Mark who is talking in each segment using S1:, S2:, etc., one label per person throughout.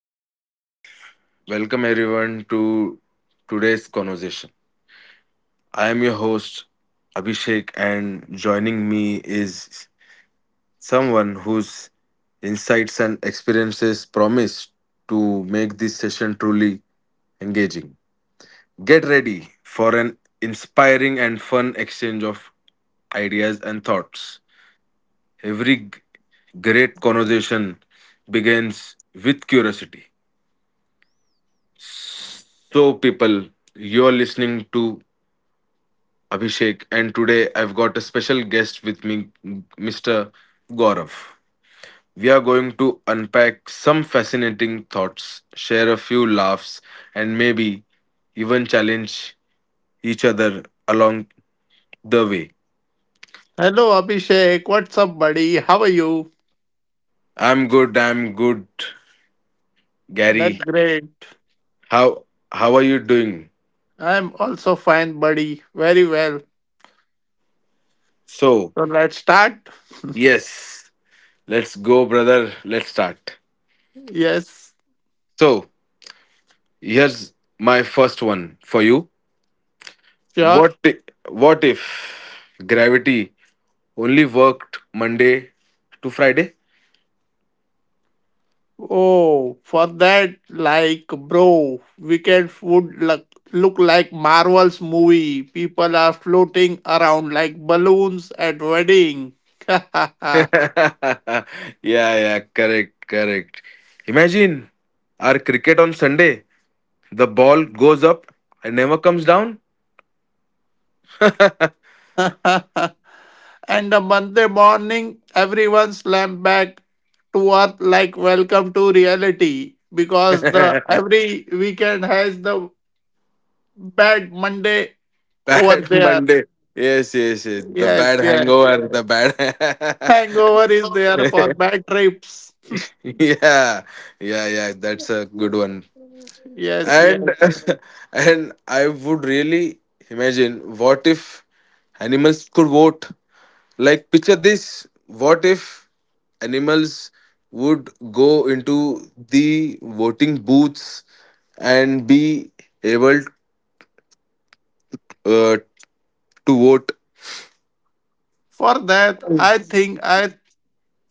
S1: guys. Welcome everyone to today's conversation. I am your host, Abhishek, and joining me is someone whose insights and experiences promise to make this session truly engaging. Get ready for an inspiring and fun exchange of ideas and thoughts. Every g- Great conversation begins with curiosity. So, people, you're listening to Abhishek, and today I've got a special guest with me, Mr. Gaurav. We are going to unpack some fascinating thoughts, share a few laughs, and maybe even challenge each other along the way.
S2: Hello, Abhishek. What's up, buddy? How are you?
S1: I'm good,
S2: That's
S1: Gary.
S2: great.
S1: How how are you doing?
S2: I'm also fine, buddy. Very well.
S1: So,
S2: So let's start.
S1: yes, let's go, brother. Let's start.
S2: Yes,
S1: So, here's my first one for you.
S2: sure.
S1: What i- what if gravity only worked Monday to Friday?
S2: Oh, for that, like, bro, Wicked would look like Marvel's movie. People are floating around like balloons at wedding.
S1: yeah, yeah, correct, correct. Imagine our cricket on Sunday. The ball goes up and never comes down.
S2: And a Monday morning, everyone slammed back to earth like welcome to reality because the every weekend has the bad Monday over
S1: bad
S2: there.
S1: Monday. Yes, yes, yes. The bad
S2: Yes, yes.
S1: hangover, the bad.
S2: Hangover is there for bad trips.
S1: yeah, yeah, yeah. That's a good one.
S2: Yes,
S1: And
S2: yes.
S1: and I would really imagine, what if animals could vote? Like picture this. What if animals would go into the voting booths and be able uh, to vote?
S2: For that, I think I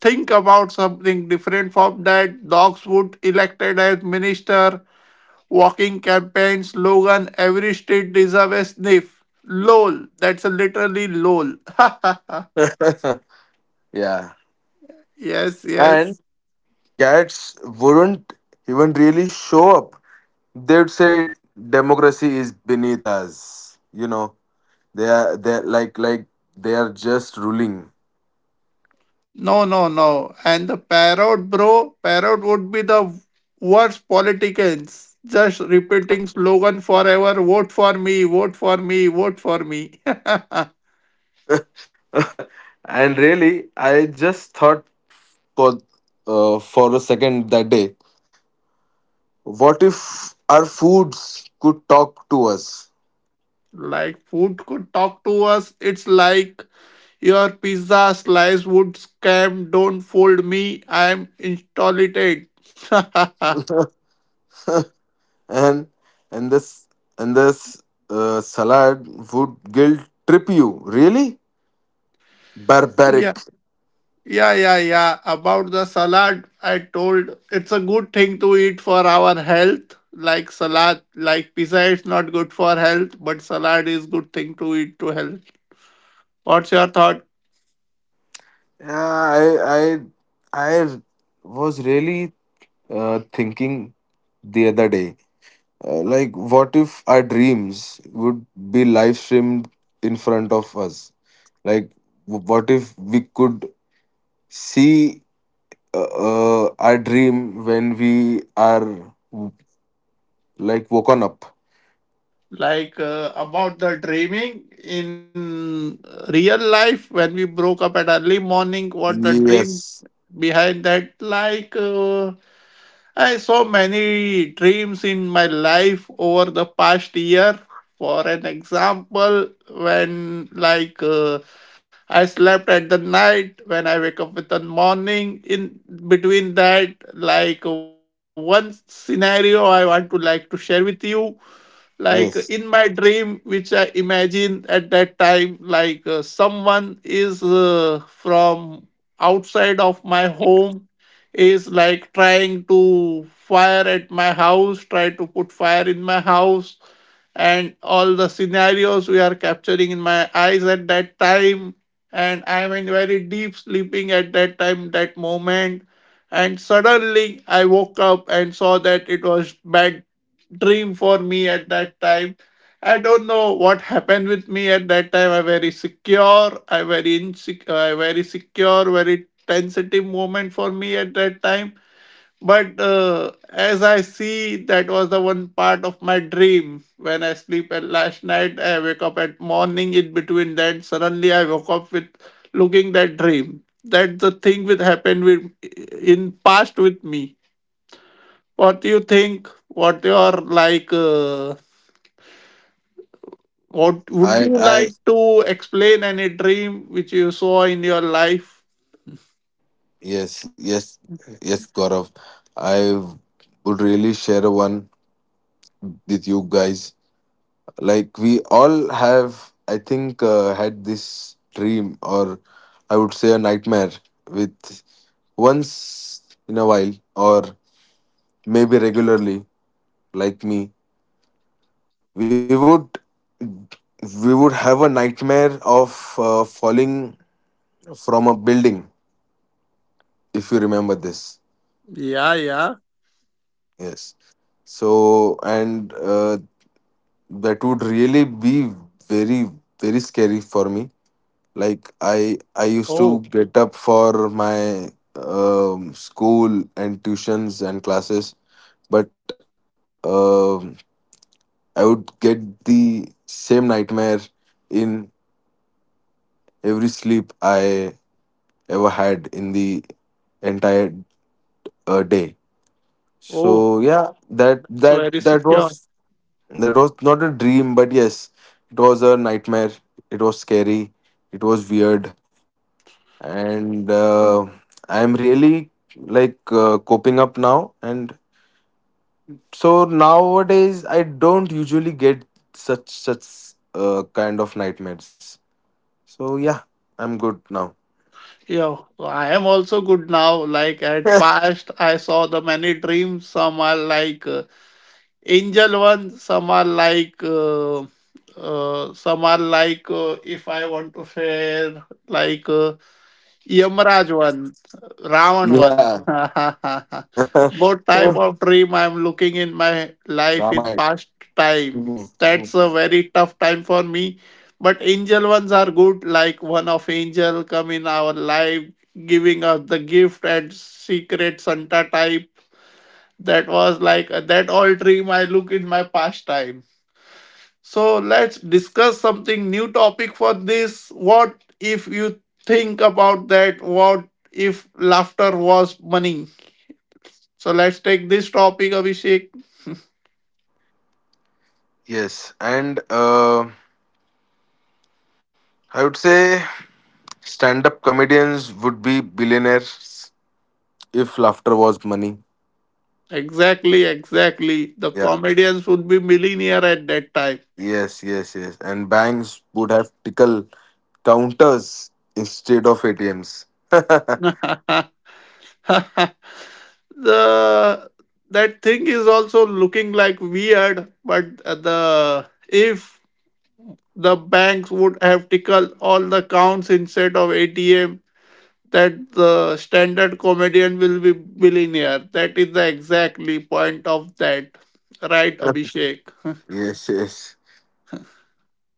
S2: think about something different from that. Dogs would elected as minister. Walking campaign slogan, every state deserves a sniff. LOL. That's a literally LOL.
S1: yeah.
S2: Yes,
S1: And
S2: yes.
S1: cats wouldn't even really show up. They'd say democracy is beneath us, you know. They are, they're like they are just ruling.
S2: No, no, no. And the parrot, bro, parrot would be the worst politicians. Just repeating slogan forever, vote for me, vote for me, vote for me.
S1: And really, I just thought for for a second that day, what if our foods could talk to us?
S2: Like food could talk to us. It's like your pizza slice would scam. Don't fold me. I'm installed.
S1: And and this salad would guilt trip you. Really barbaric.
S2: Yeah, yeah, yeah, yeah. About the salad, I told it's a good thing to eat for our health. Like salad, like pizza, it's not good for health, but salad is good thing to eat to health. What's your thought?
S1: Yeah, i I was really thinking the other day. Like, what if our dreams would be live streamed in front of us? Like, what if we could see uh, our dream when we are w- like woken up?
S2: Like, about the dreaming in real life when we broke up at early morning? What the dream
S1: Yes,
S2: behind that, like I saw many dreams in my life over the past year. For an example, when like I slept at the night, when I wake up with the morning in between that, like one scenario I want to like to share with you, like in
S1: yes.
S2: my dream which I imagine at that time, like someone is from outside of my home is like trying to fire at my house, try to put fire in my house, and all the scenarios we are capturing in my eyes at that time, and I am in very deep sleeping at that time that moment. And suddenly I woke up and saw that it was bad dream for me at that time. I don't know what happened with me at that time. I very secure, I very insecure, I very secure, very sensitive moment for me at that time. But as I see, that was the one part of my dream. When I sleep at last night, I wake up at morning. In between that, suddenly I woke up with looking that dream. That's the thing which happened with in past with me. What do you think? What your like? What would
S1: I,
S2: you
S1: I,
S2: like to explain any dream which you saw in your life?
S1: yes, yes, yes, Gaurav. I would really share one with you guys. Like we all have, I think, had this dream, or I would say a nightmare, with once in a while or maybe regularly. Like me, we would we would have a nightmare of falling from a building, if you remember this.
S2: Yeah, yeah.
S1: Yes. So, and that would really be very very scary for me. Like I used to
S2: Oh,
S1: get up for my school and tuitions and classes, but um, I would get the same nightmare in every sleep I ever had in the entire day.
S2: oh,
S1: So yeah, that
S2: it's
S1: that
S2: very
S1: that
S2: secure.
S1: was that was not a dream, but yes, it was a nightmare. It was scary, it was weird, and I am really, like, coping up now, and so nowadays I don't usually get such kind of nightmares. So yeah, I'm good now.
S2: Yeah, I am also good now. Like at past, I saw the many dreams. Some are like angel ones, some are like if I want to share, like yamraj one, ravan one.
S1: Yeah.
S2: What type of dream I'm looking in my life in
S1: Ramayana.
S2: past time?
S1: Mhm.
S2: That's
S1: Mm.
S2: a very tough time for me. But angel ones are good, like one of angel come in our life giving us the gift at secret santa type. That was like that old dream I look in my past time. So let's discuss something new topic for this. What if you think about that? What if laughter was money? So let's take this topic, Abhishek.
S1: Yes, and I would say stand-up comedians would be billionaires if laughter was money.
S2: Exactly, exactly. The
S1: Yeah.
S2: comedians would be millionaire at that time.
S1: Yes, yes, yes, and banks would have tickle counters instead of ATMs.
S2: The that thing is also looking like weird, but the if the banks would have tickled all the counts instead of ATM, that the standard comedian will be billionaire. That is the exactly point of that. Right, Abhishek?
S1: Yes, yes.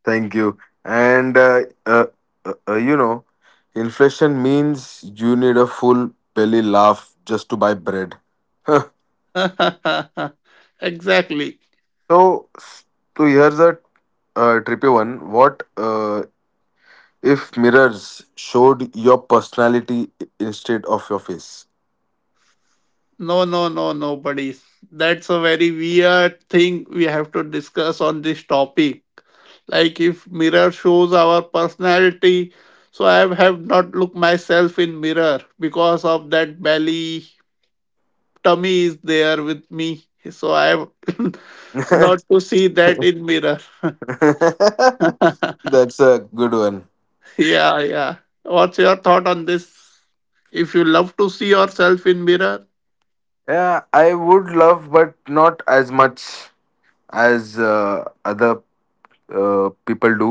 S1: Thank you. And uh, you know, inflation means you need a full belly laugh just to buy bread. So,
S2: Exactly.
S1: s- so here's a trippy one. What if mirrors showed your personality instead of your face?
S2: No, no, no, nobody. That's a very weird thing we have to discuss on this topic. Like if mirror shows our personality, so I have not looked myself in mirror because of that belly tummy is there with me. So I have not
S1: That's
S2: to see that in mirror.
S1: a good one.
S2: Yeah, yeah. What's your thought on this? If you love to see yourself in mirror,
S1: Yeah, I would love, but not as much as other people do.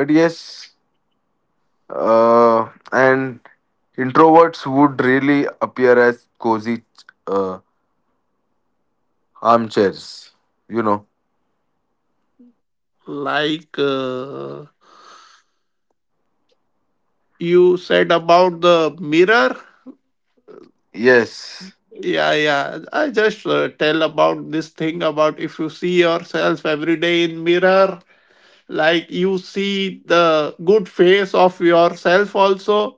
S1: But yes, and introverts would really appear as cozy uh, armchairs, you know.
S2: like. You said about the mirror,
S1: Yes.
S2: yeah yeah, I just tell about this thing about if you see yourself every day in mirror, like you see the good face of yourself also,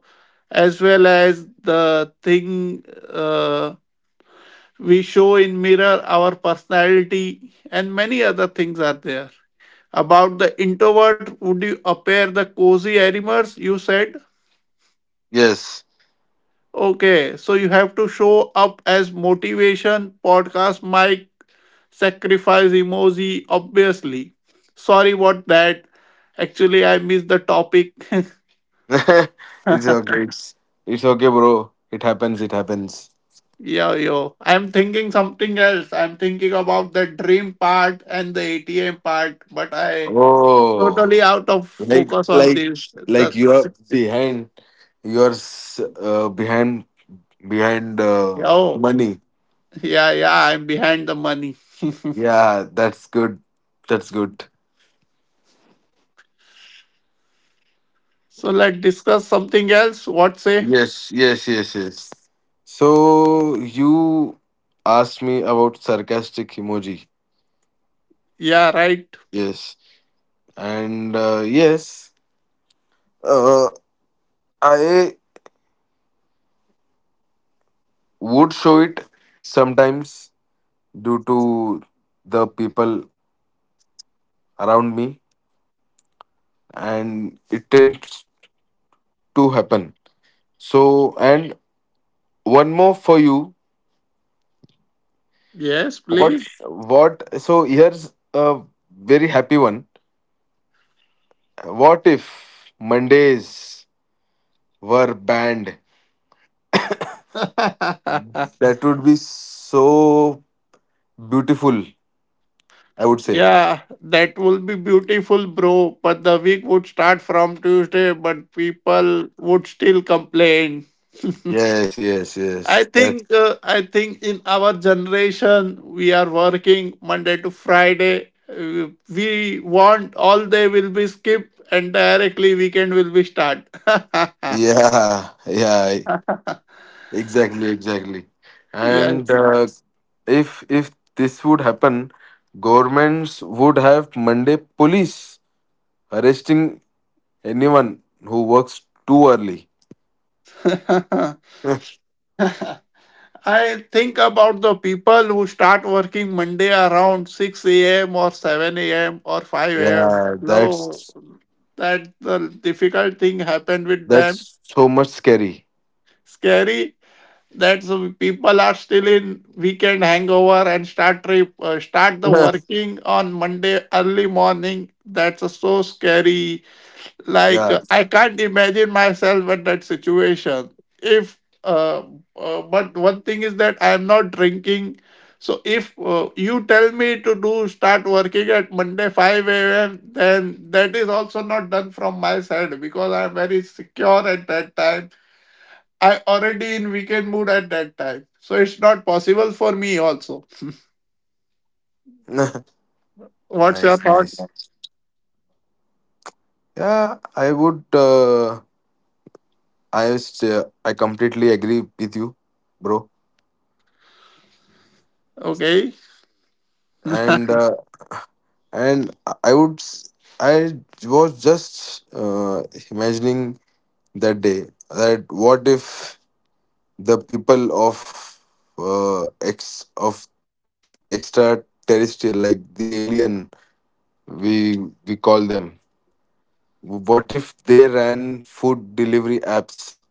S2: as well as the thing uh, we show in mirror our personality and many other things are there about the introvert would you appear the cozy animals you said.
S1: Yes.
S2: Okay, so you have to show up as motivation, podcast mic, sacrifice emoji, obviously. Sorry about that. Actually, I missed the topic.
S1: It's okay. It's okay, bro. It happens. It happens.
S2: Yo, yo. I'm thinking something else. I'm thinking about the dream part and the ATM part, but I
S1: Oh,
S2: totally out of
S1: like
S2: focus on
S1: like
S2: this.
S1: like you
S2: That's
S1: are behind. You are behind, behind
S2: yo.
S1: money.
S2: Yeah, yeah. I'm behind the money.
S1: Yeah, that's good. That's good.
S2: So let's discuss something else. What say?
S1: Yes, yes, yes, yes. So you asked me about sarcastic emoji.
S2: Yeah, right.
S1: Yes, and yes, uh, I would show it sometimes due to the people around me, and it tends to happen. So, and one more for you.
S2: Yes,
S1: What?
S2: please.
S1: What? So here's a very happy one. What if Mondays were banned? That would be so beautiful, I would say.
S2: Yeah, that will be beautiful, bro. But the week would start from Tuesday, but people would still complain.
S1: Yes, yes,
S2: I
S1: yes. That's
S2: think uh, I think in our generation we are working Monday to Friday. We want all day will be skipped and directly weekend will be start.
S1: yeah, yeah, exactly, exactly. And
S2: Yes.
S1: if this would happen, governments would have Monday police arresting anyone who works too early.
S2: I think about the people who start working Monday around 6 a.m. or 7 a.m. or 5 a.m.
S1: Yeah,
S2: No,
S1: that's
S2: that the difficult thing happened with them.
S1: that's so much scary.
S2: Scary that so people are still in weekend hangover and start trip, start the working on Monday early morning. That's so scary, like
S1: yeah.
S2: I can't imagine myself in that situation. If but one thing is that I am not drinking, so if you tell me to do start working at monday 5 a.m, then that is also not done from my side because I am very secure at that time. I already in weekend mood at that time, so it's not possible for me also.
S1: Nice,
S2: What's
S1: nice.
S2: your thought?
S1: Yeah, I would. I completely agree with you, bro.
S2: Okay.
S1: And and I I would s- I was just imagining that day, that what if the people of ex of extraterrestrial, like the alien we call them. What if they ran food delivery apps?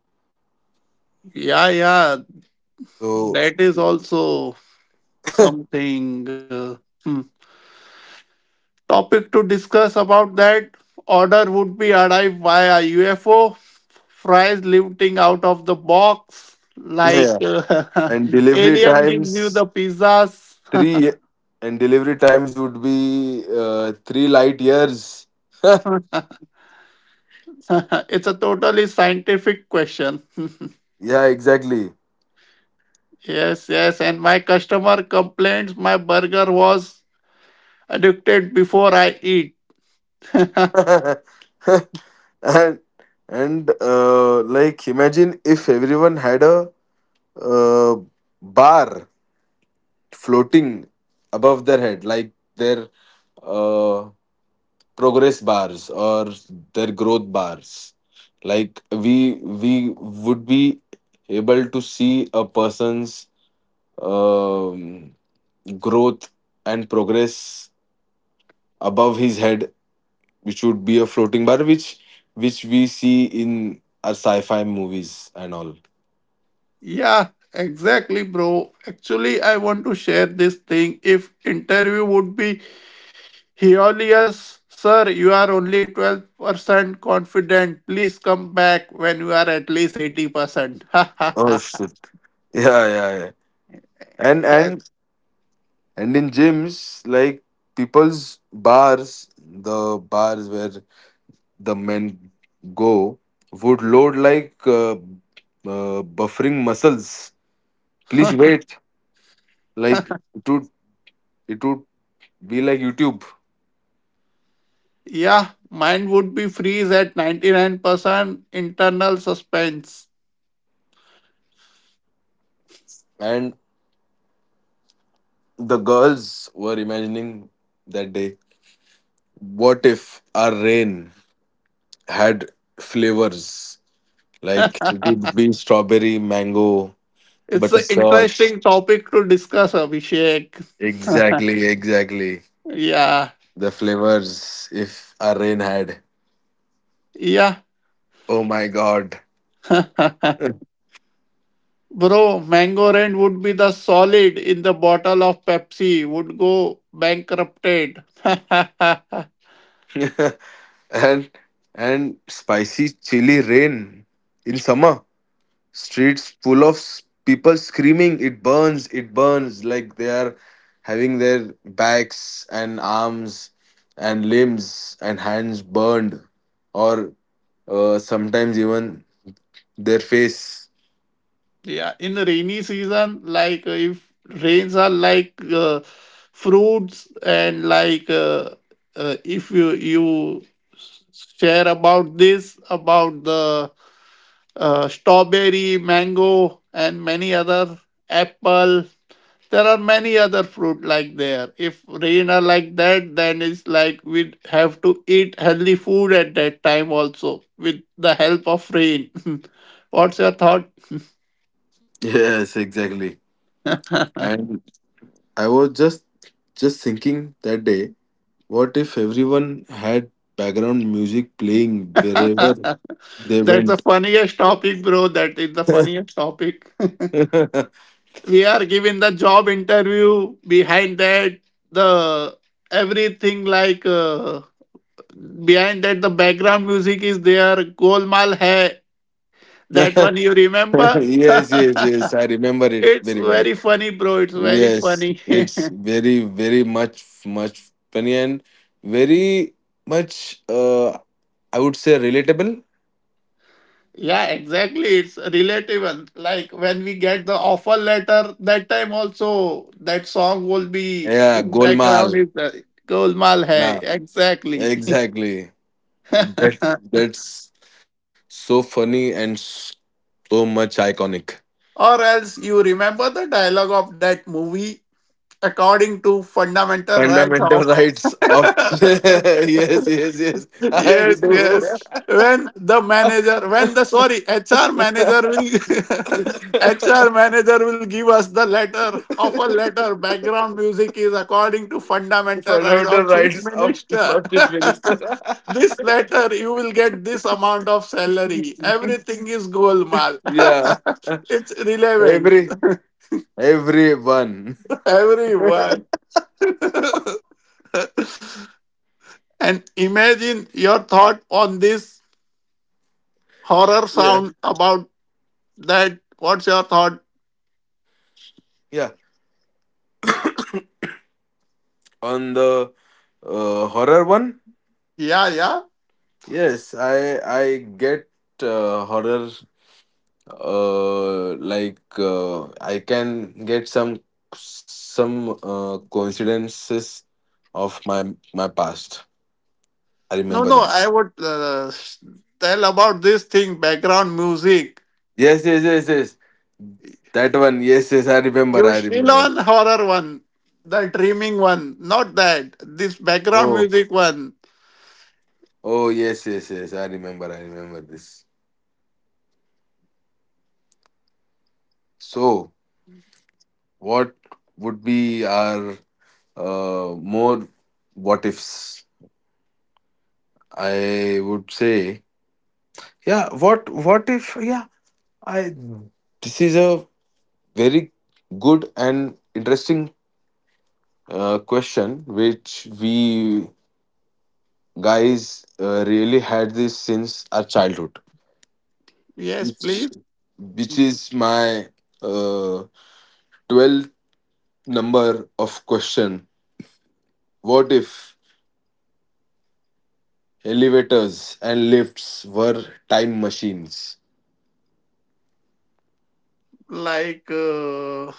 S2: Yeah, yeah,
S1: So
S2: that is also something hmm, topic to discuss about that. Order would be arrived via UFO, fries lifting out of the box, like
S1: yeah, and delivery
S2: alien gives you
S1: times
S2: the pizzas.
S1: Three and delivery times would be 3 light years.
S2: It's a totally scientific question.
S1: Yeah, exactly.
S2: Yes, yes, and my customer complains my burger was addicted before I eat.
S1: And like imagine if everyone had a uh, bar floating above their head, like their uh, progress bars or their growth bars. Like we would be able to see a person's um, growth and progress above his head, which would be a floating bar, which we see in our sci-fi movies and all.
S2: Yeah, exactly, bro. Actually, I want to share this thing. If interview would be Aeolus, sir, you are only 12% confident. Please come back when you are at least 80%.
S1: Oh shit! Yeah, yeah, yeah. And
S2: Yes.
S1: and and in gyms, like people's bars, the bars where the men go would load like buffering muscles. Please wait. Like it would be like YouTube.
S2: Yeah, mine would be freeze at 99% internal suspense.
S1: And. The girls were imagining that day, what if our rain had flavors? Like it would be strawberry, mango,
S2: It's an
S1: butterscotch.
S2: interesting topic to discuss, Abhishek.
S1: Exactly, exactly.
S2: Yeah.
S1: The flavors if our rain had.
S2: Yeah.
S1: Oh my god.
S2: Bro, Mango Rain would be the solid in the bottle of Pepsi, would go bankrupted.
S1: And spicy chili rain in summer. Streets full of people screaming, it burns, it burns, like they are having their backs and arms and limbs and hands burned, or sometimes even their face.
S2: Yeah, in the rainy season, like if rains are like fruits and like if you s- share about this about the strawberry, mango, and many other apple. There are many other fruit like there. If rain are like that, then it's like we have to eat healthy food at that time also with the help of rain. What's your thought?
S1: Yes, exactly. And I was just thinking that day, what if everyone had background music playing wherever they
S2: That's the
S1: went?
S2: funniest topic, bro. That is the funniest topic. We are given the job interview. Behind that, the everything like behind that, the background music is there. Golmaal hai. That one you remember?
S1: Yes, yes, yes, I remember it
S2: It's
S1: very well.
S2: very funny, bro. It's very
S1: Yes,
S2: funny.
S1: it's very, very, much, much funny and very much, I would say, relatable.
S2: Yeah, exactly. It's relatable. Like when we get the offer letter, that time also that song will be
S1: Yeah,
S2: in background.
S1: Golmaal.
S2: It's Golmaal
S1: Yeah,
S2: Hai. Exactly.
S1: exactly. That that's so funny and so much iconic.
S2: Or else you remember the dialogue of that movie, according to fundamental right
S1: Fundamental
S2: of
S1: rights of yes, yes, yes. I
S2: Yes, yes. When the manager, when the sorry, HR manager will HR manager will give us the letter,
S1: do.
S2: of a letter, background music is according to fundamental right
S1: Fundamental
S2: of chief
S1: rights of
S2: minister.
S1: not chief minister.
S2: This letter you will get this amount of salary. Everything is golmal.
S1: Yeah,
S2: It's relevant.
S1: every everyone.
S2: Everyone. And imagine your thought on this horror
S1: Yeah.
S2: sound about that, what's your thought?
S1: Yeah, on the horror one.
S2: Yeah yeah.
S1: Yes, I get horror. Like, I can get some some coincidences of my past. I
S2: No,
S1: remember
S2: no,
S1: that.
S2: I would tell about this thing background music.
S1: Yes, yes, yes, yes. That one. Yes, yes. I remember.
S2: You
S1: I
S2: still
S1: remember.
S2: on horror one, the dreaming one, not that this background
S1: Oh.
S2: music one.
S1: Oh, yes, yes, yes. I remember. I remember this. So, what would be our more what ifs? I would say, yeah, what if, yeah, I this is a very good and interesting question, which we guys really had this since our childhood,
S2: Yes,
S1: which,
S2: please.
S1: which is my uh, 12th number of question. What if elevators and lifts were time machines?
S2: Like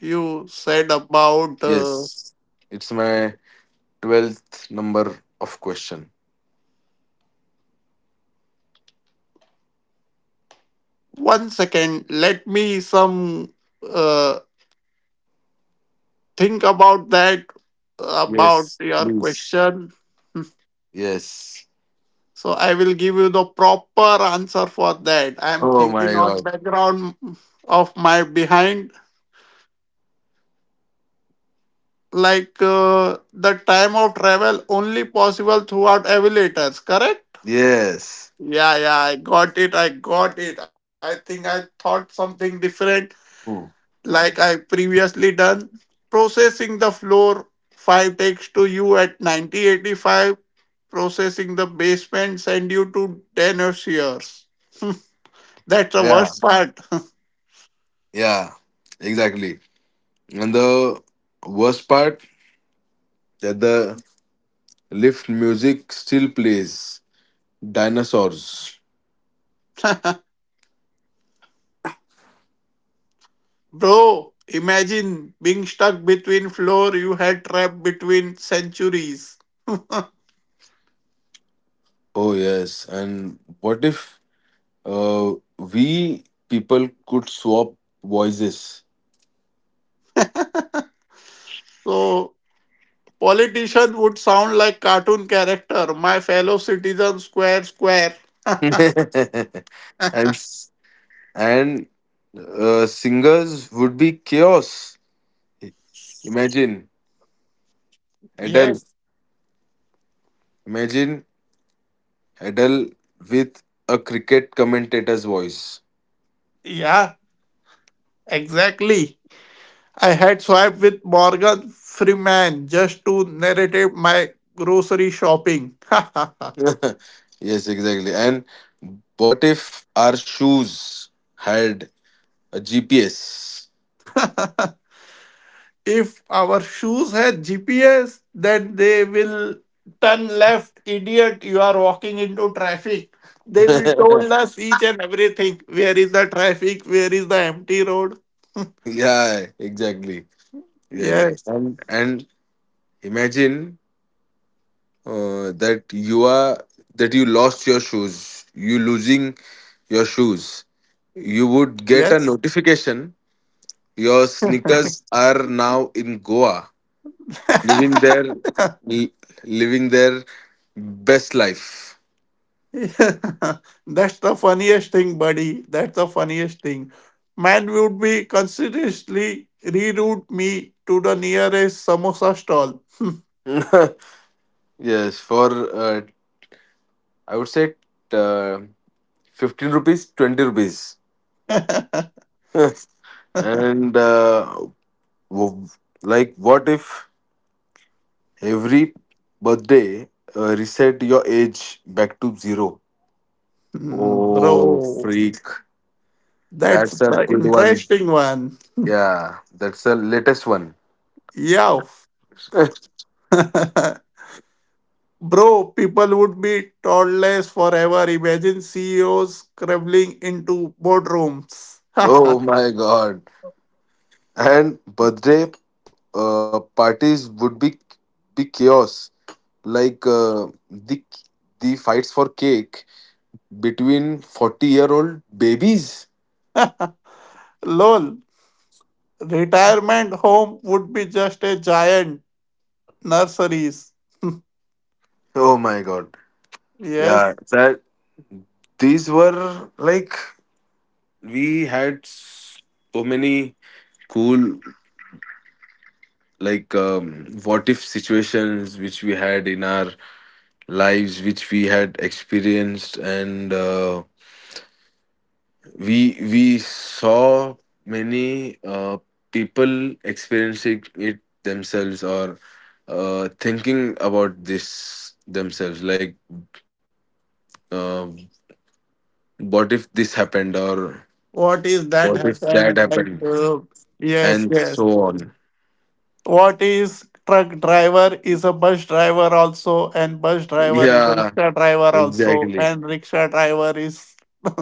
S2: you said about
S1: Yes. It's my 12th number of question.
S2: one second, let me some uh, think about that, about
S1: Yes,
S2: your
S1: please.
S2: question.
S1: Yes.
S2: So I will give you the proper answer for that. I am
S1: Oh my
S2: thinking on
S1: god.
S2: background of my behind, like the time of travel only possible throughout elevators, correct?
S1: Yes.
S2: Yeah, yeah, I got it. I got it. I think I thought something different
S1: Hmm.
S2: like I previously done. Processing the floor 5 takes to you at 9085. Processing the basement send you to 10 years. That's the
S1: Yeah.
S2: worst part.
S1: Yeah. Exactly. And the worst part that the lift music still plays. Dinosaurs.
S2: Bro, imagine being stuck between floor you had trapped between centuries.
S1: Oh yes. And what if uh, we people could swap voices?
S2: So politician would sound like cartoon character. My fellow citizen, square, square.
S1: And s- and singers would be chaos. Imagine Adele.
S2: Yes,
S1: Imagine Adele with a cricket commentator's voice.
S2: yeah, exactly. I had swiped with Morgan Freeman just to narrate my grocery shopping.
S1: Yes, exactly. And what if our shoes had a GPS?
S2: If our shoes had GPS, then they will turn left, idiot, you are walking into traffic. They will told us each and everything. Where is the traffic? Where is the empty road?
S1: Yeah, exactly, exactly.
S2: Yes.
S1: And imagine that you are that you lost your shoes, you losing your shoes, you would get a
S2: Yes.
S1: notification: your sneakers are now in Goa, living their living their best life.
S2: Yeah. That's the funniest thing, buddy. That's the funniest thing. Man would be consciously reroute me to the nearest samosa stall.
S1: Yes, for uh, I would say, uh, 15 rupees, 20 rupees. And w- like, what if every birthday reset your age back to zero?
S2: Hmm,
S1: Oh,
S2: bro.
S1: freak.
S2: That's
S1: That's a
S2: the
S1: good one.
S2: interesting one.
S1: Yeah, that's the latest one.
S2: Yeah. Bro, people would be toddlers forever. Imagine CEOs crumbling into boardrooms.
S1: Oh my god. And birthday parties would be chaos. Like the the fights for cake between 40-year-old babies.
S2: Lol. Retirement home would be just a giant nurseries.
S1: Oh my god. Yeah,
S2: Yes.
S1: that these were, like, we had so many cool, like, what if situations, which we had in our lives, which we had experienced, and we saw many people experiencing it themselves, or thinking about this themselves, like, uh, what if this happened or
S2: What is
S1: what
S2: that
S1: if that
S2: happen? Like,
S1: happened,
S2: yes,
S1: and
S2: yes.
S1: so on.
S2: What is truck driver is a bus driver also, and bus driver is a
S1: Yeah,
S2: rickshaw driver also,
S1: exactly.
S2: and rickshaw driver is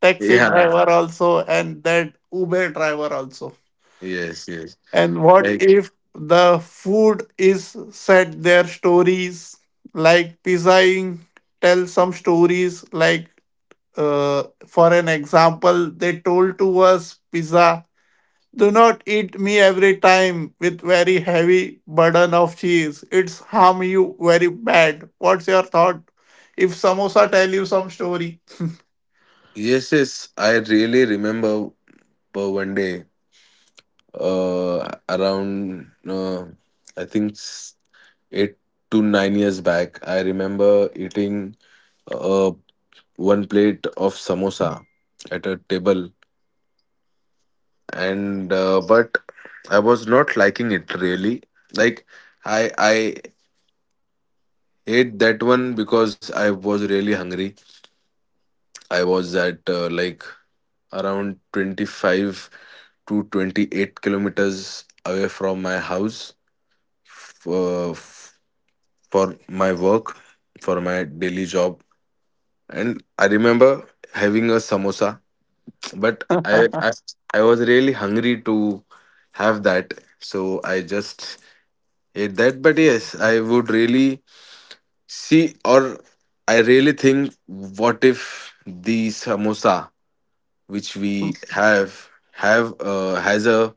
S2: taxi
S1: Yeah.
S2: driver also and that Uber driver also.
S1: Yes, yes.
S2: And what
S1: Like,
S2: if the food is set their stories like pizzaing tell some stories, like for an example, they told to us pizza, do not eat me every time with very heavy burden of cheese, it's harm you very bad. What's your thought if samosa tell you some story?
S1: yes, yes. I really remember, one day, around, I think, 8 to 9 years back, I remember eating uh one plate of samosa at a table. And but I was not liking it really. Like, I ate that one because I was really hungry. I was at, like, around 25 to 28 kilometers away from my house, for, for my work, for my daily job. And I remember having a samosa, but I was really hungry to have that. So I just ate that. But yes, I would really see, or I really think, what if the samosa which we have has a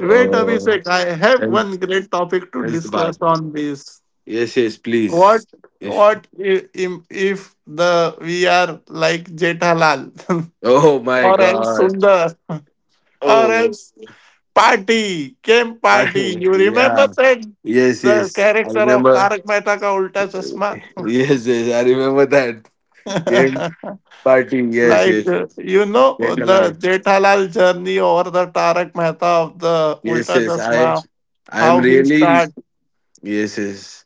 S2: Wait, Abhishek, I have
S1: health,
S2: one great topic to
S1: health bar?
S2: discuss on this.
S1: Yes, yes,
S2: What
S1: please. If
S2: what if the we are like Jethalal
S1: oh my
S2: or else
S1: god,
S2: Sundar or
S1: oh
S2: else Party, Came
S1: my
S2: Party? You
S1: yeah,
S2: remember that
S1: yes,
S2: the
S1: yes. I
S2: character of
S1: remember.
S2: Tarak Mehta ka Ulta Chashma?
S1: Yes, yes, I remember that game party. Yes,
S2: Like,
S1: yes. Get
S2: the
S1: alarm.
S2: Jethalal journey or the Tarak Mehta of the
S1: Yes,
S2: Ulta
S1: yes. I
S2: Chashma,
S1: I am
S2: how he
S1: really
S2: start.
S1: yes, yes.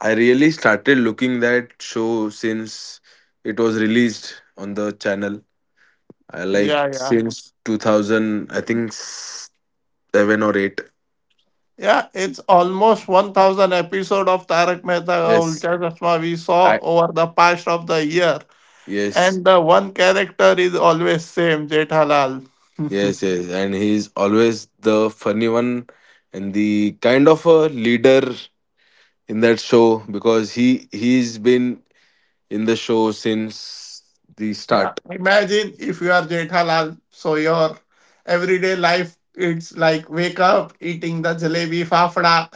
S1: I really started looking that show since it was released on the channel. I like,
S2: Yeah, yeah.
S1: since 2000, I think seven or eight.
S2: Yeah, it's almost 1,000 episode of Tarak Mehta ka
S1: Yes,
S2: Ulta Chashma we saw
S1: I
S2: over the past of the year.
S1: yes,
S2: And the one character is always same, Jethalal.
S1: yes, yes, and he's always the funny one and the kind of a leader in that show, because he he's been in the show since the
S2: Yeah,
S1: start.
S2: imagine if you are Jethalal, so your everyday life it's like wake up eating the jalebi fafda.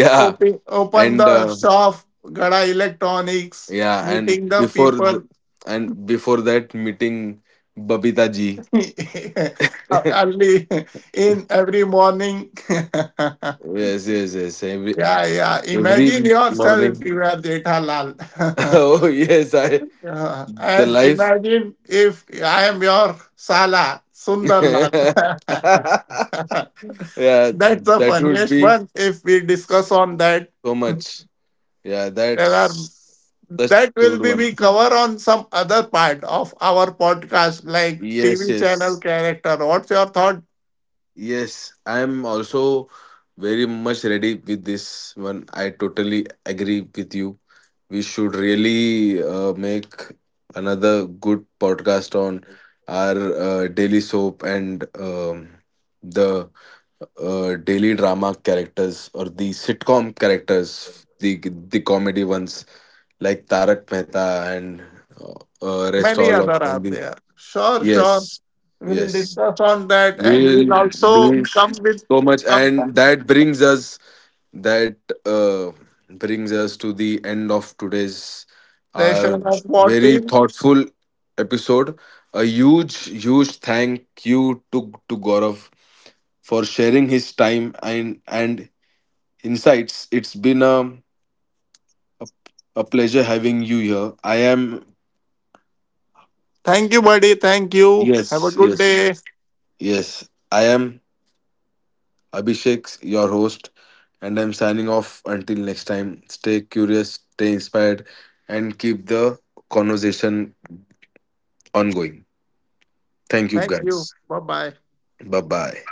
S2: Open
S1: and
S2: the shop, Gada Electronics,
S1: yeah, and
S2: meeting the
S1: before
S2: people
S1: the, and before that, meeting Babita ji.
S2: early in every morning.
S1: Yes, yes, yes. Every
S2: Yeah, yeah.
S1: every
S2: Imagine
S1: morning.
S2: yourself, you are Jethalal.
S1: Oh yes, I
S2: Yeah. And
S1: The life.
S2: imagine if I am your Sala, Sundarlal.
S1: Yeah,
S2: That's the
S1: that would
S2: funniest
S1: be
S2: one if we discuss on that.
S1: so much. Yeah,
S2: There are
S1: that's
S2: that will
S1: good
S2: be
S1: one.
S2: we cover on some other part of our podcast like
S1: Yes,
S2: tv
S1: yes,
S2: channel character, what's your thought?
S1: yes. I am also very much ready with this one. I totally agree with you. We should really make another good podcast on our daily soap, and the daily drama characters, or the sitcom characters, the comedy ones, like Tarak Mehta and uh, rest
S2: Many
S1: all
S2: other
S1: on
S2: are
S1: the
S2: there, sure, sure,
S1: yes,
S2: we'll
S1: yes.
S2: discuss on that and we'll
S1: We'll
S2: also
S1: do
S2: come with
S1: so much,
S2: some
S1: and that brings us that uh, brings us to the end of today's, our
S2: session of what
S1: very
S2: if.
S1: thoughtful episode. A huge, huge thank you to Gaurav for sharing his time and insights. It's been a, a pleasure having you here. I am
S2: Thank you, buddy. Thank you. Have a
S1: yes
S2: good
S1: yes,
S2: day.
S1: yes, I am Abhishek, your host, and I'm signing off. Until next time, stay curious, stay inspired, and keep the conversation ongoing. Thank you,
S2: Thank you.
S1: guys.
S2: Bye bye.
S1: Bye bye.